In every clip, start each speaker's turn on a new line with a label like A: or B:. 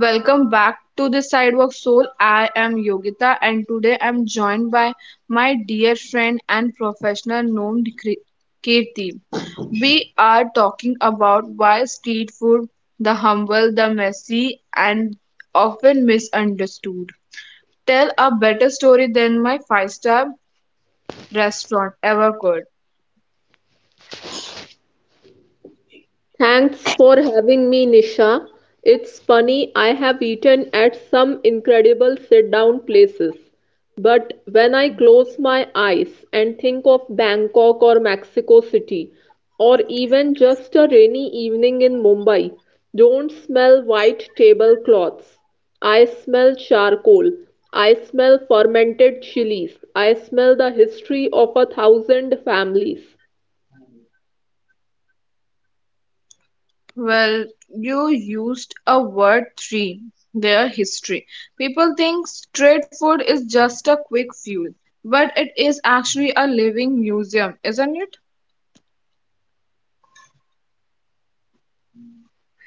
A: Welcome back to the Sidewalk Soul. I am Yogita and today I'm joined by my dear friend and professional known Kirti. We are talking about why street food, the humble, the messy, and often misunderstood. Tell a better story than my five-star restaurant ever could.
B: Thanks for having me, Nisha. It's funny, I have eaten at some incredible sit down places. But when I close my eyes and think of Bangkok or Mexico City, or even just a rainy evening in Mumbai, don't smell white tablecloths. I smell charcoal. I smell fermented chilies. I smell the history of a thousand families.
A: Well, you used a word three, their history. People think street food is just a quick fuel, but it is actually a living museum, isn't it?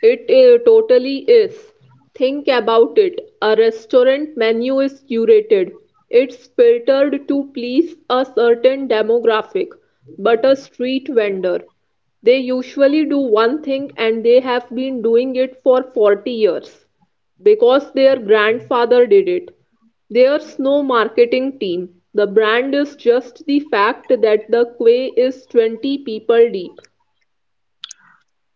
B: It totally is. Think about it. A restaurant menu is curated. It's filtered to please a certain demographic. But a street vendor, they usually do one thing and they have been doing it for 40 years because their grandfather did it. There's no marketing team. The brand is just the fact that the quay is 20 people deep.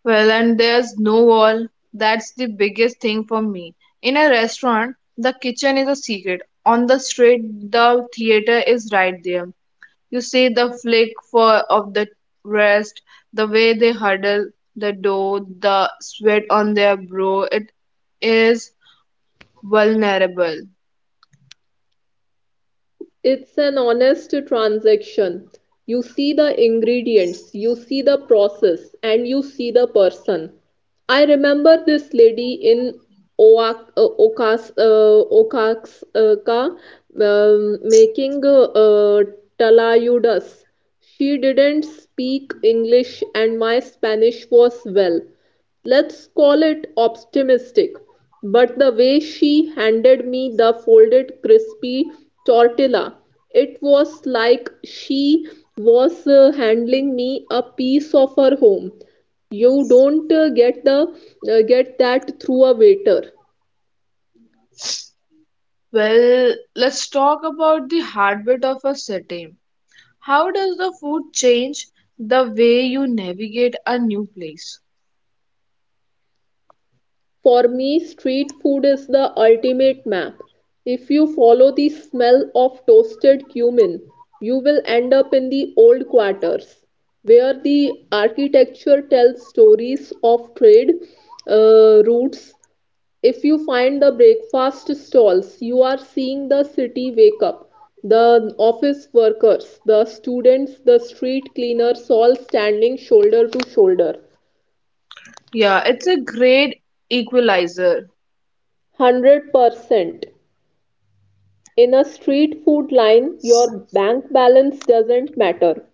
A: Well, and there's no wall. That's the biggest thing for me. In a restaurant, the kitchen is a secret. On the street, the theater is right there. You see the flick for of the rest, the way they huddle, the dough, the sweat on their brow. It is vulnerable.
B: It's an honest transaction. You see the ingredients, you see the process, and you see the person. I remember this lady in Oaxaca, making talayudas. She didn't speak English, and my Spanish was, well, let's call it optimistic, but the way she handed me the folded crispy tortilla, it was like she was handling me a piece of her home. You don't get that through a waiter.
A: Well, let's talk about the heartbeat of a city. How does the food change the way you navigate a new place?
B: For me, street food is the ultimate map. If you follow the smell of toasted cumin, you will end up in the old quarters, where the architecture tells stories of trade routes. If you find the breakfast stalls, you are seeing the city wake up. The office workers, the students, the street cleaners all standing shoulder to shoulder.
A: Yeah, it's a great equalizer.
B: 100%. In a street food line, your bank balance doesn't matter.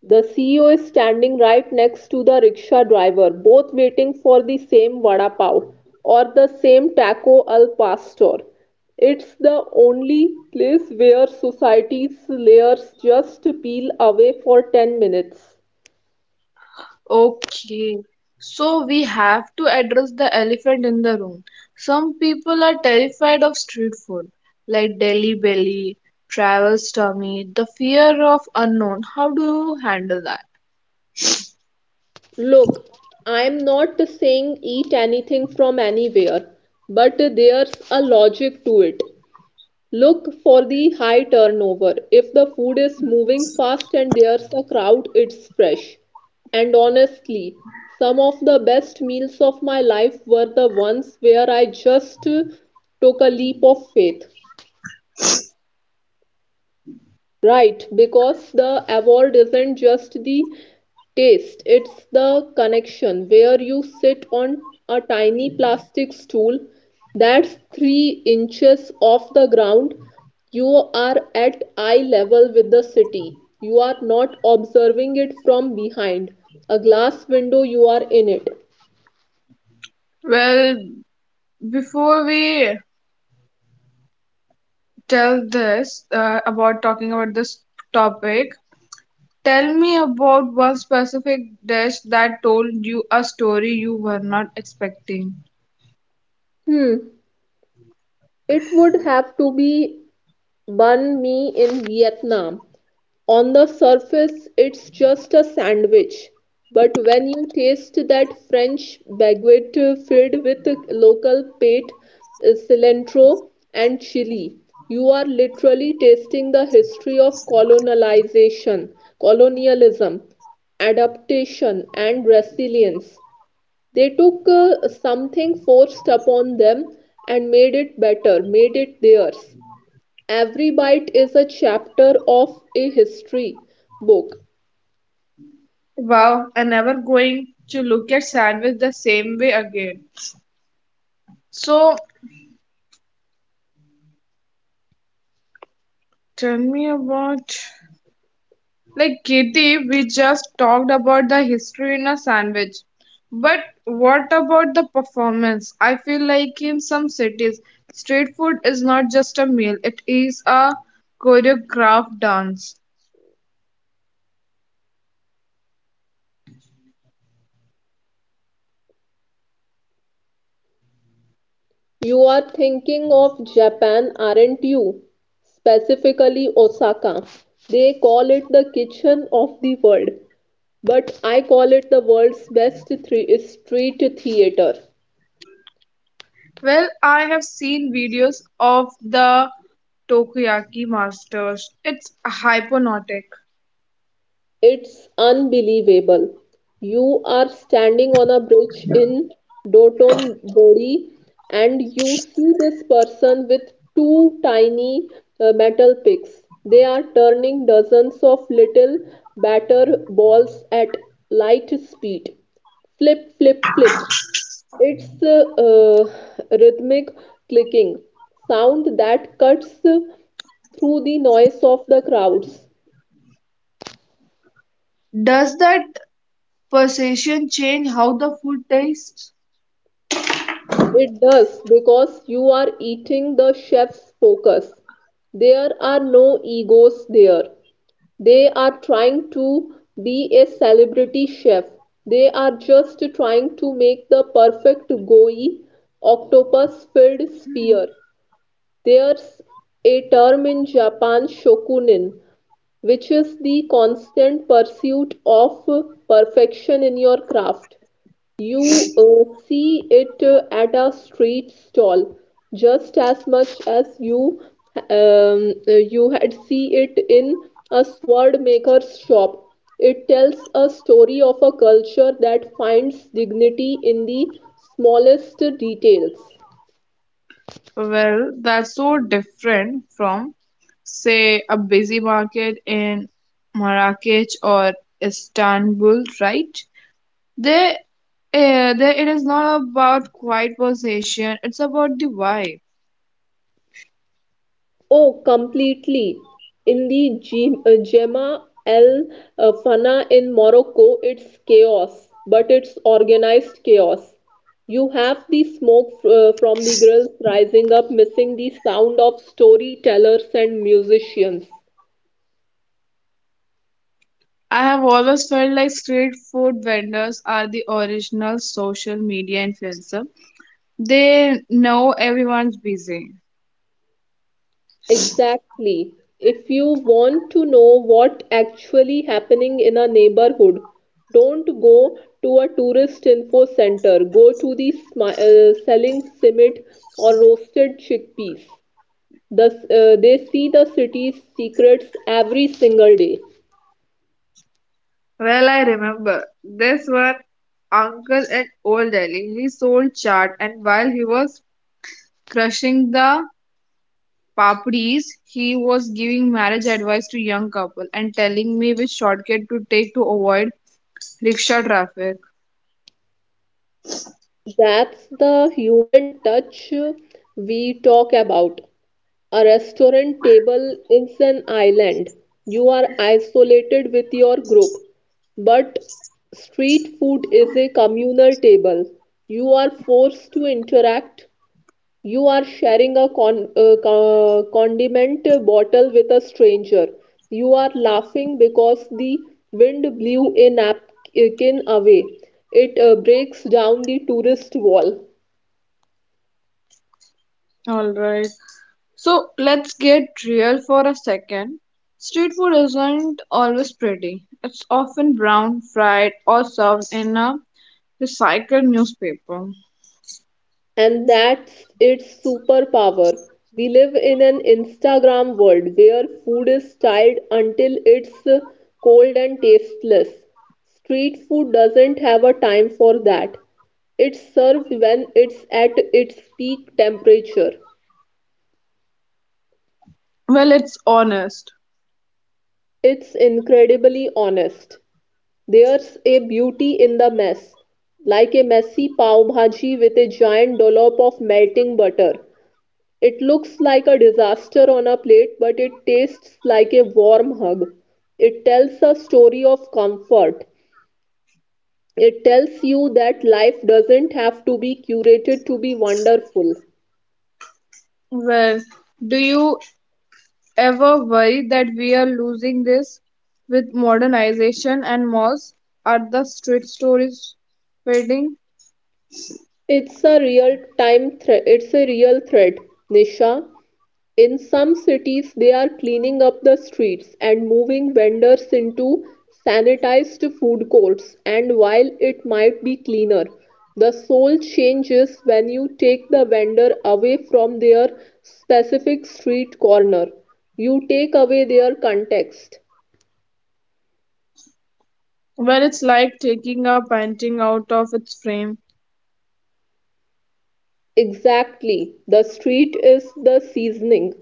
B: The CEO is standing right next to the rickshaw driver, both waiting for the same vada pav or the same taco al pastor. It's the only place where society's layers just peel away for 10 minutes.
A: Okay, so we have to address the elephant in the room. Some people are terrified of street food, like Delhi belly, travel's tummy, the fear of unknown. How do you handle that?
B: Look, I'm not saying eat anything from anywhere, but there's a logic to it. Look for the high turnover. If the food is moving fast and there's a crowd, it's fresh. And honestly, some of the best meals of my life were the ones where I just took a leap of faith. Right, because the award isn't just the taste, it's the connection where you sit on a tiny plastic stool that's 3 inches off the ground. You are at eye level with the city. You are not observing it from behind a glass window, you are in it.
A: Well, before we tell this about talking about this topic. Tell me about one specific dish that told you a story you were not expecting.
B: Hmm, it would have to be Banh Mi in Vietnam. On the surface it's just a sandwich, but when you taste that French baguette filled with local pate, cilantro, and chili, you are literally tasting the history of colonization, colonialism, adaptation, and resilience. They took something forced upon them and made it better, made it theirs. Every bite is a chapter of a history book.
A: Wow, I'm never going to look at sandwich the same way again. So tell me about like Katie, we just talked about the history in a sandwich. But what about the performance? I feel like in some cities, street food is not just a meal, it is a choreographed dance.
B: You are thinking of Japan, aren't you? Specifically, Osaka. They call it the kitchen of the world, but I call it the world's best three street theater.
A: Well, I have seen videos of the Tokoyaki masters. It's hypnotic.
B: It's unbelievable. You are standing on a bridge in Doton Bori and you see this person with two tiny metal picks. They are turning dozens of little batter balls at light speed. Flip, flip, flip. It's rhythmic clicking sound that cuts through the noise of the crowds.
A: Does that perception change how the food tastes?
B: It does because you are eating the chef's focus. There are no egos there. They are trying to be a celebrity chef. They are just trying to make the perfect goi octopus filled sphere. There's a term in Japan, shokunin, which is the constant pursuit of perfection in your craft. You see it at a street stall just as much as you you had see it in a sword maker's shop. It tells a story of a culture that finds dignity in the smallest details.
A: Well, that's so different from, say, a busy market in Marrakech or Istanbul, right? There, there it is not about quiet possession, it's about the vibe.
B: Oh, completely. In the Gemma El Fana in Morocco, it's chaos, but it's organized chaos. You have the smoke from the grills rising up, missing the sound of storytellers and musicians.
A: I have always felt like street food vendors are the original social media influencer. They know everyone's busy.
B: Exactly. If you want to know what actually happening in a neighborhood, don't go to a tourist info center. Go to the selling simit or roasted chickpeas. The, they see the city's secrets every single day.
A: Well, I remember this one uncle in Old Delhi. He sold chaat, and while he was crushing the papdis, he was giving marriage advice to young couple and telling me which shortcut to take to avoid rickshaw traffic.
B: That's the human touch we talk about. A restaurant table is an island. You are isolated with your group. But street food is a communal table. You are forced to interact. You are sharing a condiment bottle with a stranger. You are laughing because the wind blew a napkin away. It breaks down the tourist wall.
A: All right. So let's get real for a second. Street food isn't always pretty. It's often brown, fried, or served in a recycled newspaper.
B: And that's its superpower. We live in an Instagram world where food is styled until it's cold and tasteless. Street food doesn't have a time for that. It's served when it's at its peak temperature.
A: Well, it's honest.
B: It's incredibly honest. There's a beauty in the mess, like a messy pav bhaji with a giant dollop of melting butter. It looks like a disaster on a plate, but it tastes like a warm hug. It tells a story of comfort. It tells you that life doesn't have to be curated to be wonderful.
A: Well, do you ever worry that we are losing this with modernization and malls? Are the street stories fading?
B: It's a real time threat. It's a real threat, Nisha. In some cities, they are cleaning up the streets and moving vendors into sanitized food courts. And while it might be cleaner, the soul changes when you take the vendor away from their specific street corner. You take away their context.
A: Well, it's like taking a painting out of its frame.
B: Exactly. The street is the seasoning,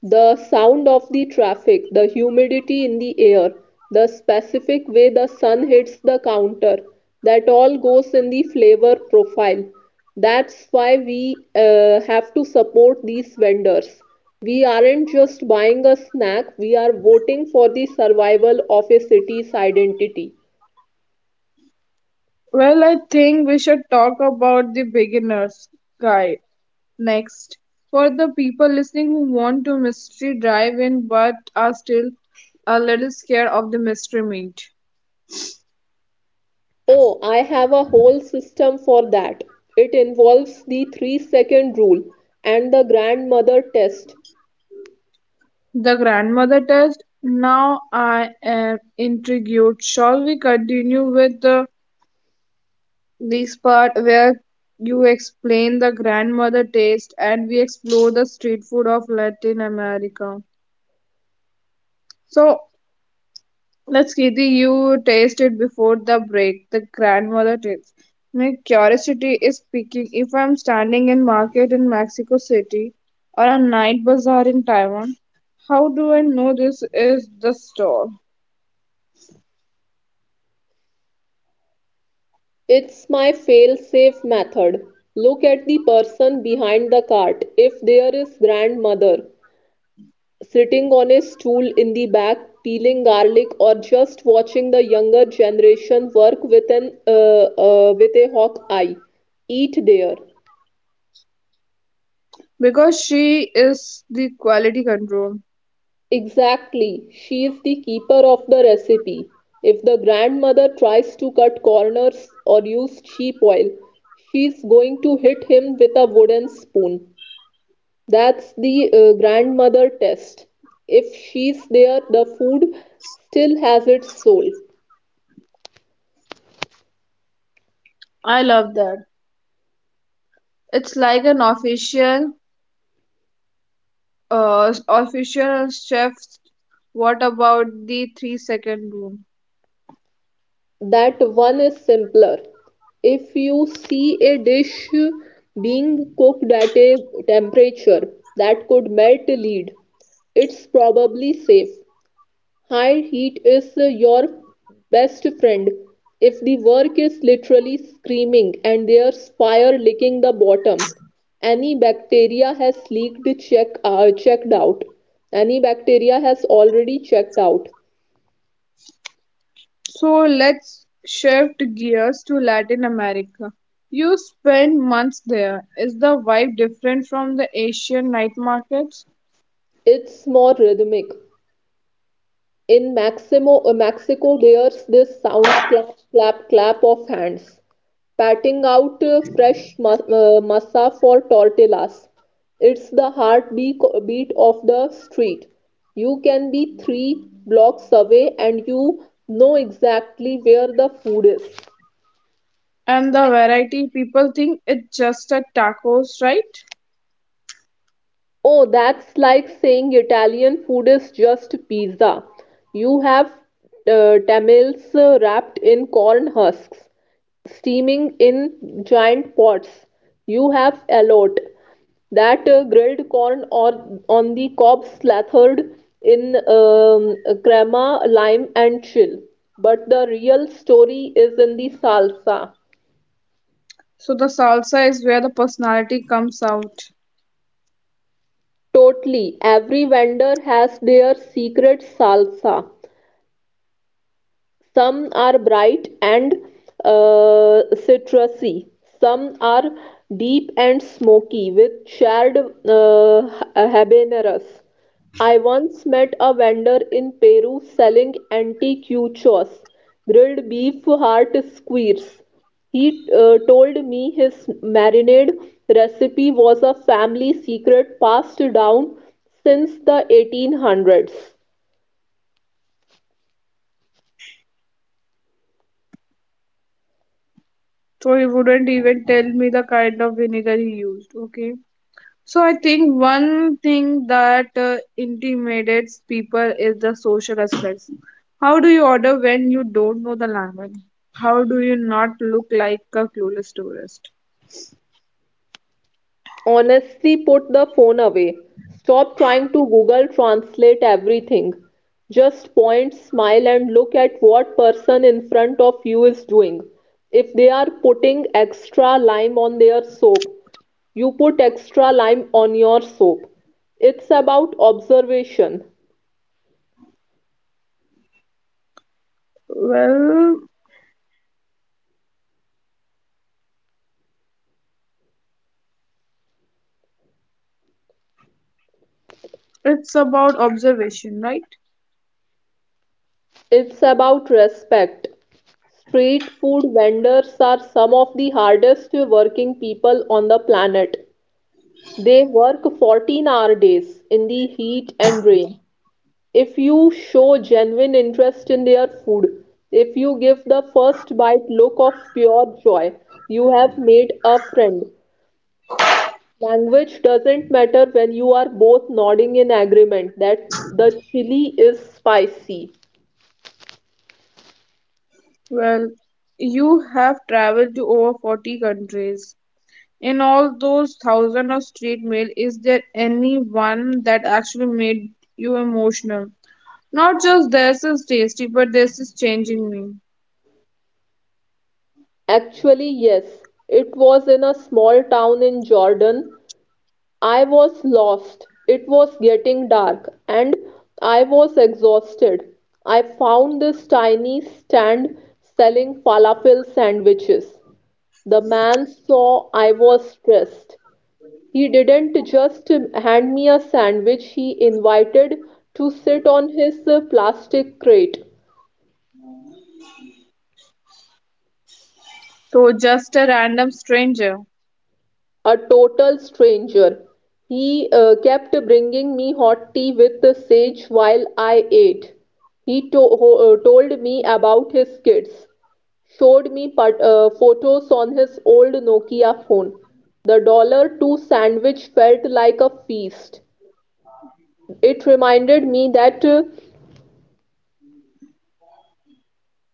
B: the sound of the traffic, the humidity in the air, the specific way the sun hits the counter. That all goes in the flavor profile. That's why we have to support these vendors. We aren't just buying a snack, we are voting for the survival of a city's identity.
A: Well, I think we should talk about the beginner's guide next. For the people listening who want to mystery drive in but are still a little scared of the mystery meat.
B: Oh, I have a whole system for that. It involves the three second rule and the grandmother test.
A: The grandmother test. Now I am intrigued. Shall we continue with the this part where you explain the grandmother taste and we explore the street food of Latin America. So let's Kirti, you taste it before the break, the grandmother taste. My curiosity is speaking. If I'm standing in market in Mexico City or a night bazaar in Taiwan, how do I know this is the store?
B: It's my fail safe method. Look at the person behind the cart. If there is grandmother sitting on a stool in the back, peeling garlic, or just watching the younger generation work with a hawk eye, eat there.
A: Because she is the quality control.
B: Exactly, she is the keeper of the recipe. If the grandmother tries to cut corners or use sheep oil, she's going to hit him with a wooden spoon. That's the grandmother test. If she's there, the food still has its soul.
A: I love that. It's like an official official chefs, what about the 3-second rule?
B: That one is simpler. If you see a dish being cooked at a temperature that could melt lead, it's probably safe. High heat is your best friend if the work is literally screaming and there's fire licking the bottom. Any bacteria has leaked check checked out. Any bacteria has already checked out.
A: So let's shift gears to Latin America. You spend months there, is the vibe different from the Asian night markets?
B: It's more rhythmic. In Mexico, there's this sound clap, clap, clap of hands, patting out fresh masa for tortillas. It's the heartbeat beat of the street. You can be three blocks away and you know exactly where the food is.
A: And the variety, people think it's just a tacos, right?
B: Oh, that's like saying Italian food is just pizza. You have tamales wrapped in corn husks, steaming in giant pots. You have elote, that grilled corn or on the cob slathered in crema, lime, and chill. But the real story is in the salsa.
A: So the salsa is where the personality comes out.
B: Totally. Every vendor has their secret salsa. Some are bright and citrusy. Some are deep and smoky with charred habaneros. I once met a vendor in Peru selling anticuchos, grilled beef heart squares. He told me his marinade recipe was a family secret passed down since the 1800s.
A: So he wouldn't even tell me the kind of vinegar he used, okay. So I think one thing that intimidates people is the social aspects. How do you order when you don't know the language? How do you not look like a clueless tourist?
B: Honestly, put the phone away. Stop trying to Google Translate everything. Just point, smile, and look at what person in front of you is doing. If they are putting extra lime on their soap, you put extra lime on your soap. It's about observation.
A: Well, it's about observation, right?
B: It's about respect. Street food vendors are some of the hardest working people on the planet. They work 14-hour days in the heat and rain. If you show genuine interest in their food, if you give the first bite look of pure joy, you have made a friend. Language doesn't matter when you are both nodding in agreement that the chili is spicy.
A: Well, you have traveled to over 40 countries. In all those thousands of street mail, is there any one that actually made you emotional? Not just this is tasty, but this is changing me.
B: Actually, yes, it was in a small town in Jordan. I was lost, it was getting dark, and I was exhausted. I found this tiny stand selling falafel sandwiches. The man saw I was stressed. He didn't just hand me a sandwich, he invited to sit on his plastic crate.
A: So just a random stranger.
B: A total stranger. He kept bringing me hot tea with the sage while I ate. He told me about his kids, showed me photos on his old Nokia phone. The dollar two sandwich felt like a feast. It reminded me that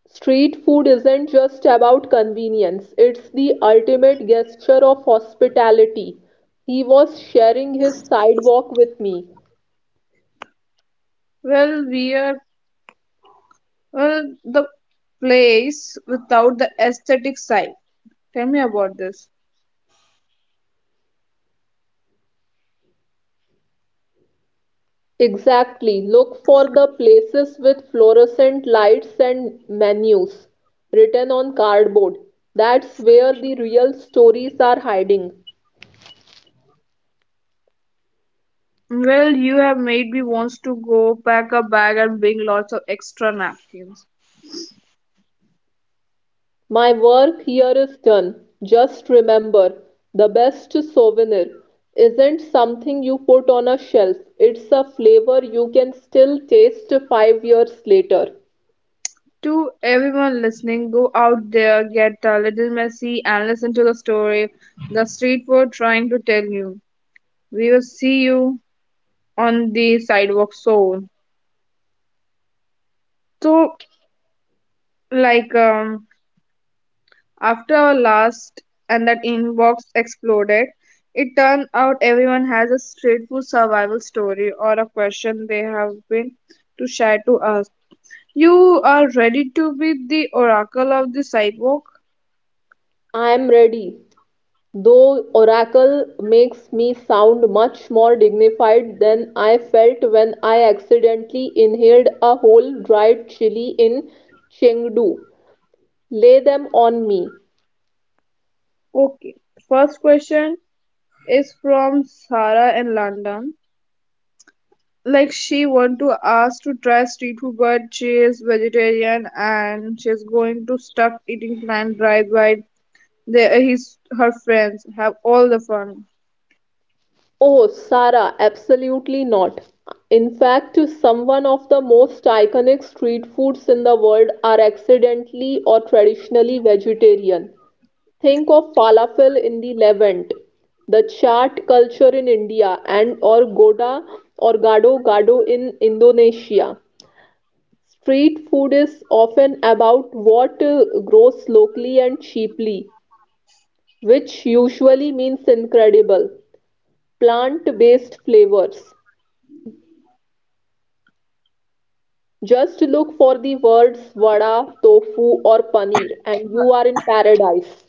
B: street food isn't just about convenience, it's the ultimate gesture of hospitality. He was sharing his sidewalk with me.
A: Well, we are well the place without the aesthetic side. Tell me about this.
B: Exactly. Look for the places with fluorescent lights and menus written on cardboard. That's where the real stories are hiding.
A: Well, you have made me wants to go pack a bag and bring lots of extra napkins.
B: My work here is done. Just remember, the best souvenir isn't something you put on a shelf, it's a flavor you can still taste 5 years later.
A: To everyone listening, go out there, get a little messy, and listen to the story the street food trying to tell you. We will see you on the sidewalk soon. So, like, um, after our last and that inbox exploded, it turned out everyone has a street food survival story or a question they have been too shy to ask. You are ready to be the oracle of the sidewalk?
B: I am ready. Though Oracle makes me sound much more dignified than I felt when I accidentally inhaled a whole dried chili in Chengdu. Lay them on me.
A: Okay. First question is from Sarah in London. Like she want to ask to try street food, but she is vegetarian and she's going to stuck eating plant right while they, his her friends have all the fun.
B: Oh, Sarah, absolutely not. In fact, some one of the most iconic street foods in the world are accidentally or traditionally vegetarian. Think of falafel in the Levant, the chaat culture in India, and or goda or gado gado in Indonesia. Street food is often about what grows locally and cheaply, which usually means incredible plant-based flavors. Just look for the words vada, tofu, or paneer, and you are in paradise.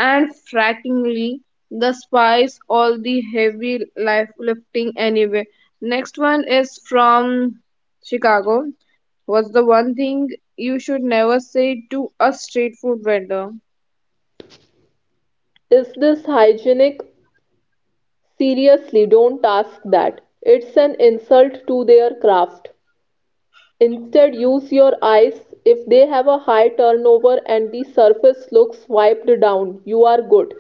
A: And frankly, the spice all the heavy life lifting anyway. Next one is from Chicago. What's the one thing you should never say to a street food vendor?
B: Is this hygienic? Seriously, don't ask that. It's an insult to their craft. Instead, use your eyes. If they have a high turnover and the surface looks wiped down, you are good.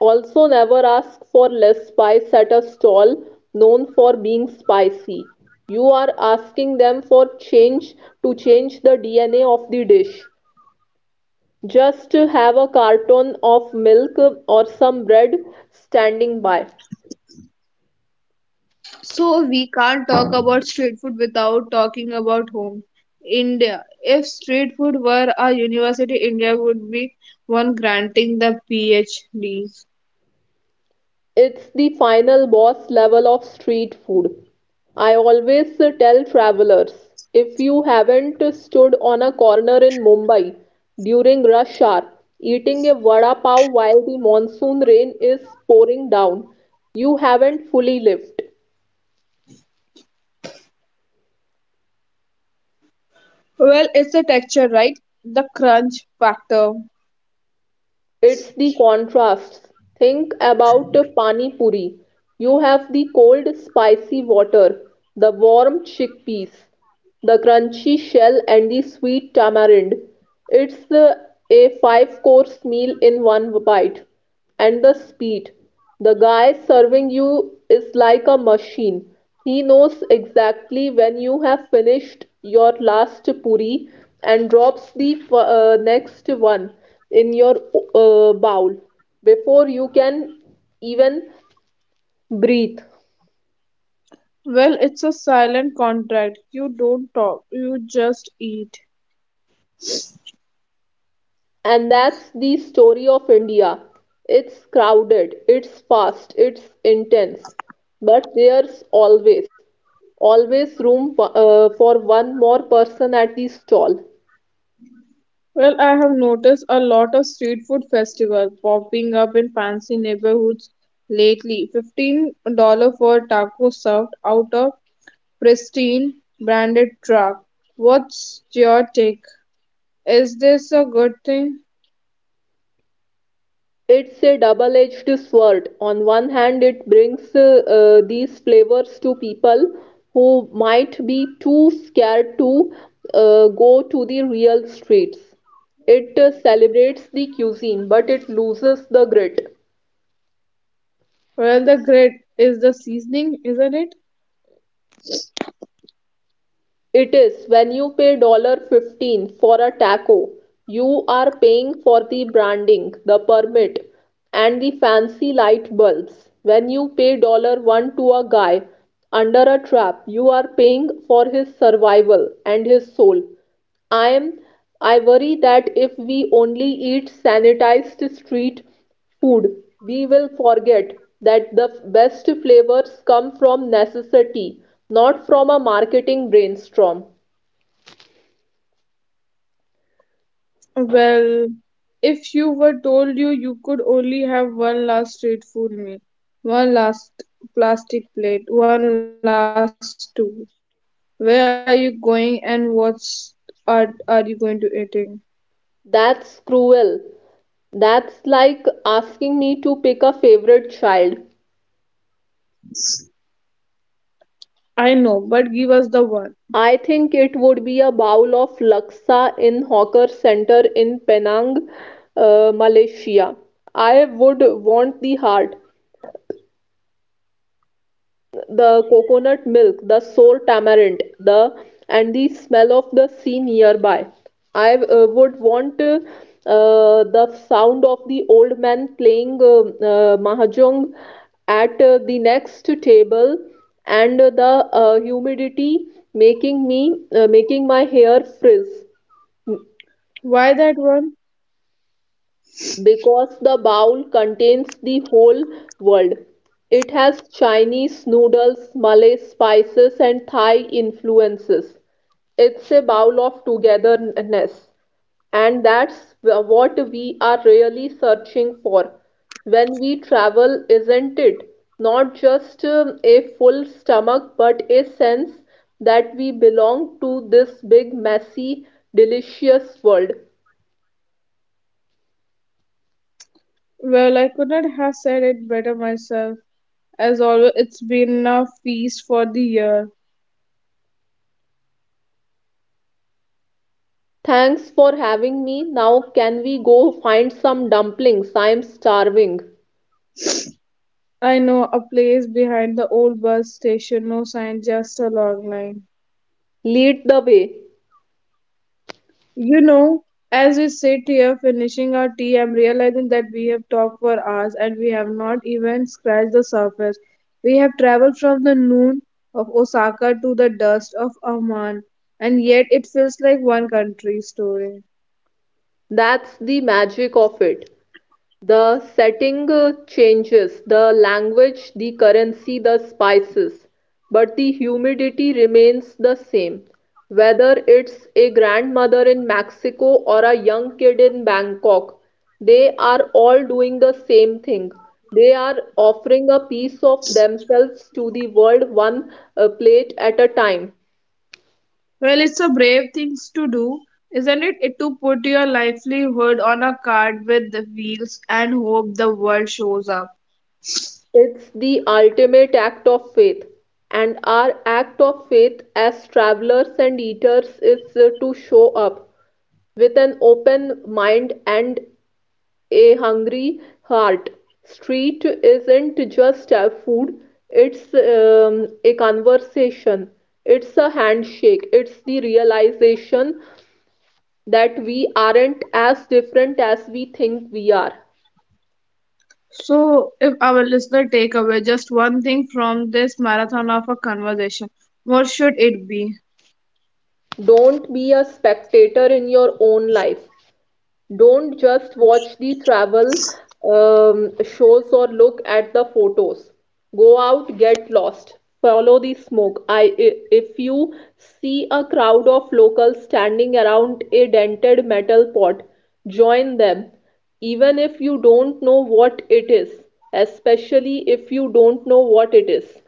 B: Also, never ask for less spice at a stall known for being spicy. You are asking them for change to change the DNA of the dish. Just have a carton of milk or some bread standing by.
A: So we can't talk about street food without talking about home. India. If street food were a university, India would be one granting the PhDs.
B: It's the final boss level of street food. I always tell travelers if you haven't stood on a corner in Mumbai during rush hour, eating a vada pav while the monsoon rain is pouring down, you haven't fully lived.
A: Well, it's the texture, right? The crunch factor.
B: It's the contrasts. Think about a pani puri. You have the cold, spicy water, the warm chickpeas, the crunchy shell, and the sweet tamarind. It's the- a five course meal in one bite and the speed. The guy serving you is like a machine. He knows exactly when you have finished your last puri and drops the next one in your bowl before you can even breathe.
A: Well, it's a silent contract. You don't talk, you just eat.
B: And that's the story of India. It's crowded, it's fast, it's intense, but there's always, always room for one more person at the stall.
A: Well, I have noticed a lot of street food festivals popping up in fancy neighborhoods lately. $15 for a taco served out of pristine branded truck. What's your take? Is this a good thing?
B: It's a double-edged sword. On one hand, it brings these flavors to people who might be too scared to go to the real streets. It celebrates the cuisine, but it loses the grit.
A: Well, the grit is the seasoning, isn't it?
B: It is when you pay dollar $15 for a taco, you are paying for the branding, the permit, and the fancy light bulbs. When you pay dollar $1 to a guy under a trap, you are paying for his survival and his soul. I am I worry that if we only eat sanitized street food, we will forget that the best flavors come from necessity, not from a marketing brainstorm.
A: Well, if you were told you could only have one last street food meal, one last plastic plate, one last tool, where are you going and what's are you going to eating?
B: That's cruel. That's like asking me to pick a favorite child.
A: I know, but give us the one.
B: I think it would be a bowl of laksa in hawker center in Penang, Malaysia. I would want the heart, the coconut milk, the sour tamarind, the and the smell of the sea nearby. I would want the sound of the old man playing mahjong at the next table and the humidity making me making my hair frizz.
A: Why that one?
B: Because the bowl contains the whole world. It has Chinese noodles, Malay spices, and Thai influences. It's a bowl of togetherness. And that's what we are really searching for when we travel, isn't it? Not just a full stomach, but a sense that we belong to this big, messy, delicious world.
A: Well, I could not have said it better myself. As always, it's been a feast for the year.
B: Thanks for having me. Now, can we go find some dumplings? I'm starving.
A: I know a place behind the old bus station, no sign, just a long line.
B: Lead the way.
A: You know, as we sit here finishing our tea, I'm realizing that we have talked for hours and we have not even scratched the surface. We have traveled from the noon of Osaka to the dust of Amman, and yet it feels like one country story.
B: That's the magic of it. The setting changes, the language, the currency, the spices, but the humidity remains the same. Whether it's a grandmother in Mexico or a young kid in Bangkok, they are all doing the same thing. They are offering a piece of themselves to the world, one plate at a time.
A: Well, it's a brave thing to do, isn't it? It to put your livelihood on a cart with the wheels and hope the world shows up.
B: It's the ultimate act of faith, and our act of faith as travelers and eaters is to show up with an open mind and a hungry heart. Street isn't just food, it's a conversation, it's a handshake, it's the realization that we aren't as different as we think we are.
A: So, if our listener take away just one thing from this marathon of a conversation, what should it be?
B: Don't be a spectator in your own life. Don't just watch the travel shows or look at the photos. Go out, get lost, follow the smoke. If you see a crowd of locals standing around a dented metal pot, join them, even if you don't know what it is, especially if you don't know what it is.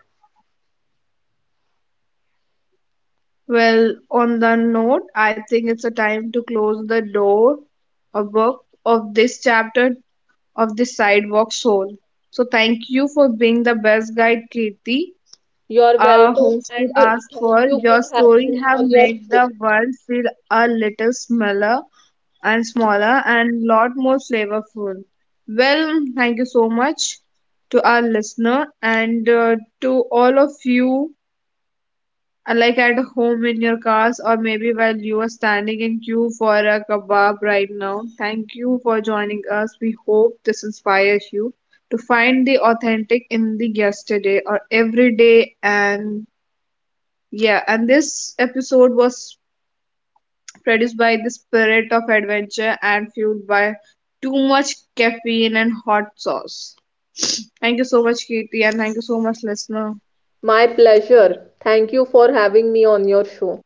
A: Well, on the note, I think it's a time to close the door of book of this chapter of this sidewalk soul. So, thank you for being the best guide, Kirti.
B: You're
A: Our
B: welcome
A: host would
B: and
A: ask
B: thank
A: for
B: you for
A: your
B: having
A: story
B: me
A: have
B: on your
A: made
B: show.
A: the world feel a little smaller and smaller and lot more flavorful. Well, thank you so much to our listener and to all of you, like at home in your cars or maybe while you are standing in queue for a kebab right now. Thank you for joining us. We hope this inspires you to find the authentic in the yesterday or every day and yeah and this episode was produced by the spirit of adventure and fueled by too much caffeine and hot sauce. Thank you so much, Katie, and thank you so much, listener.
B: My pleasure. Thank you for having me on your show.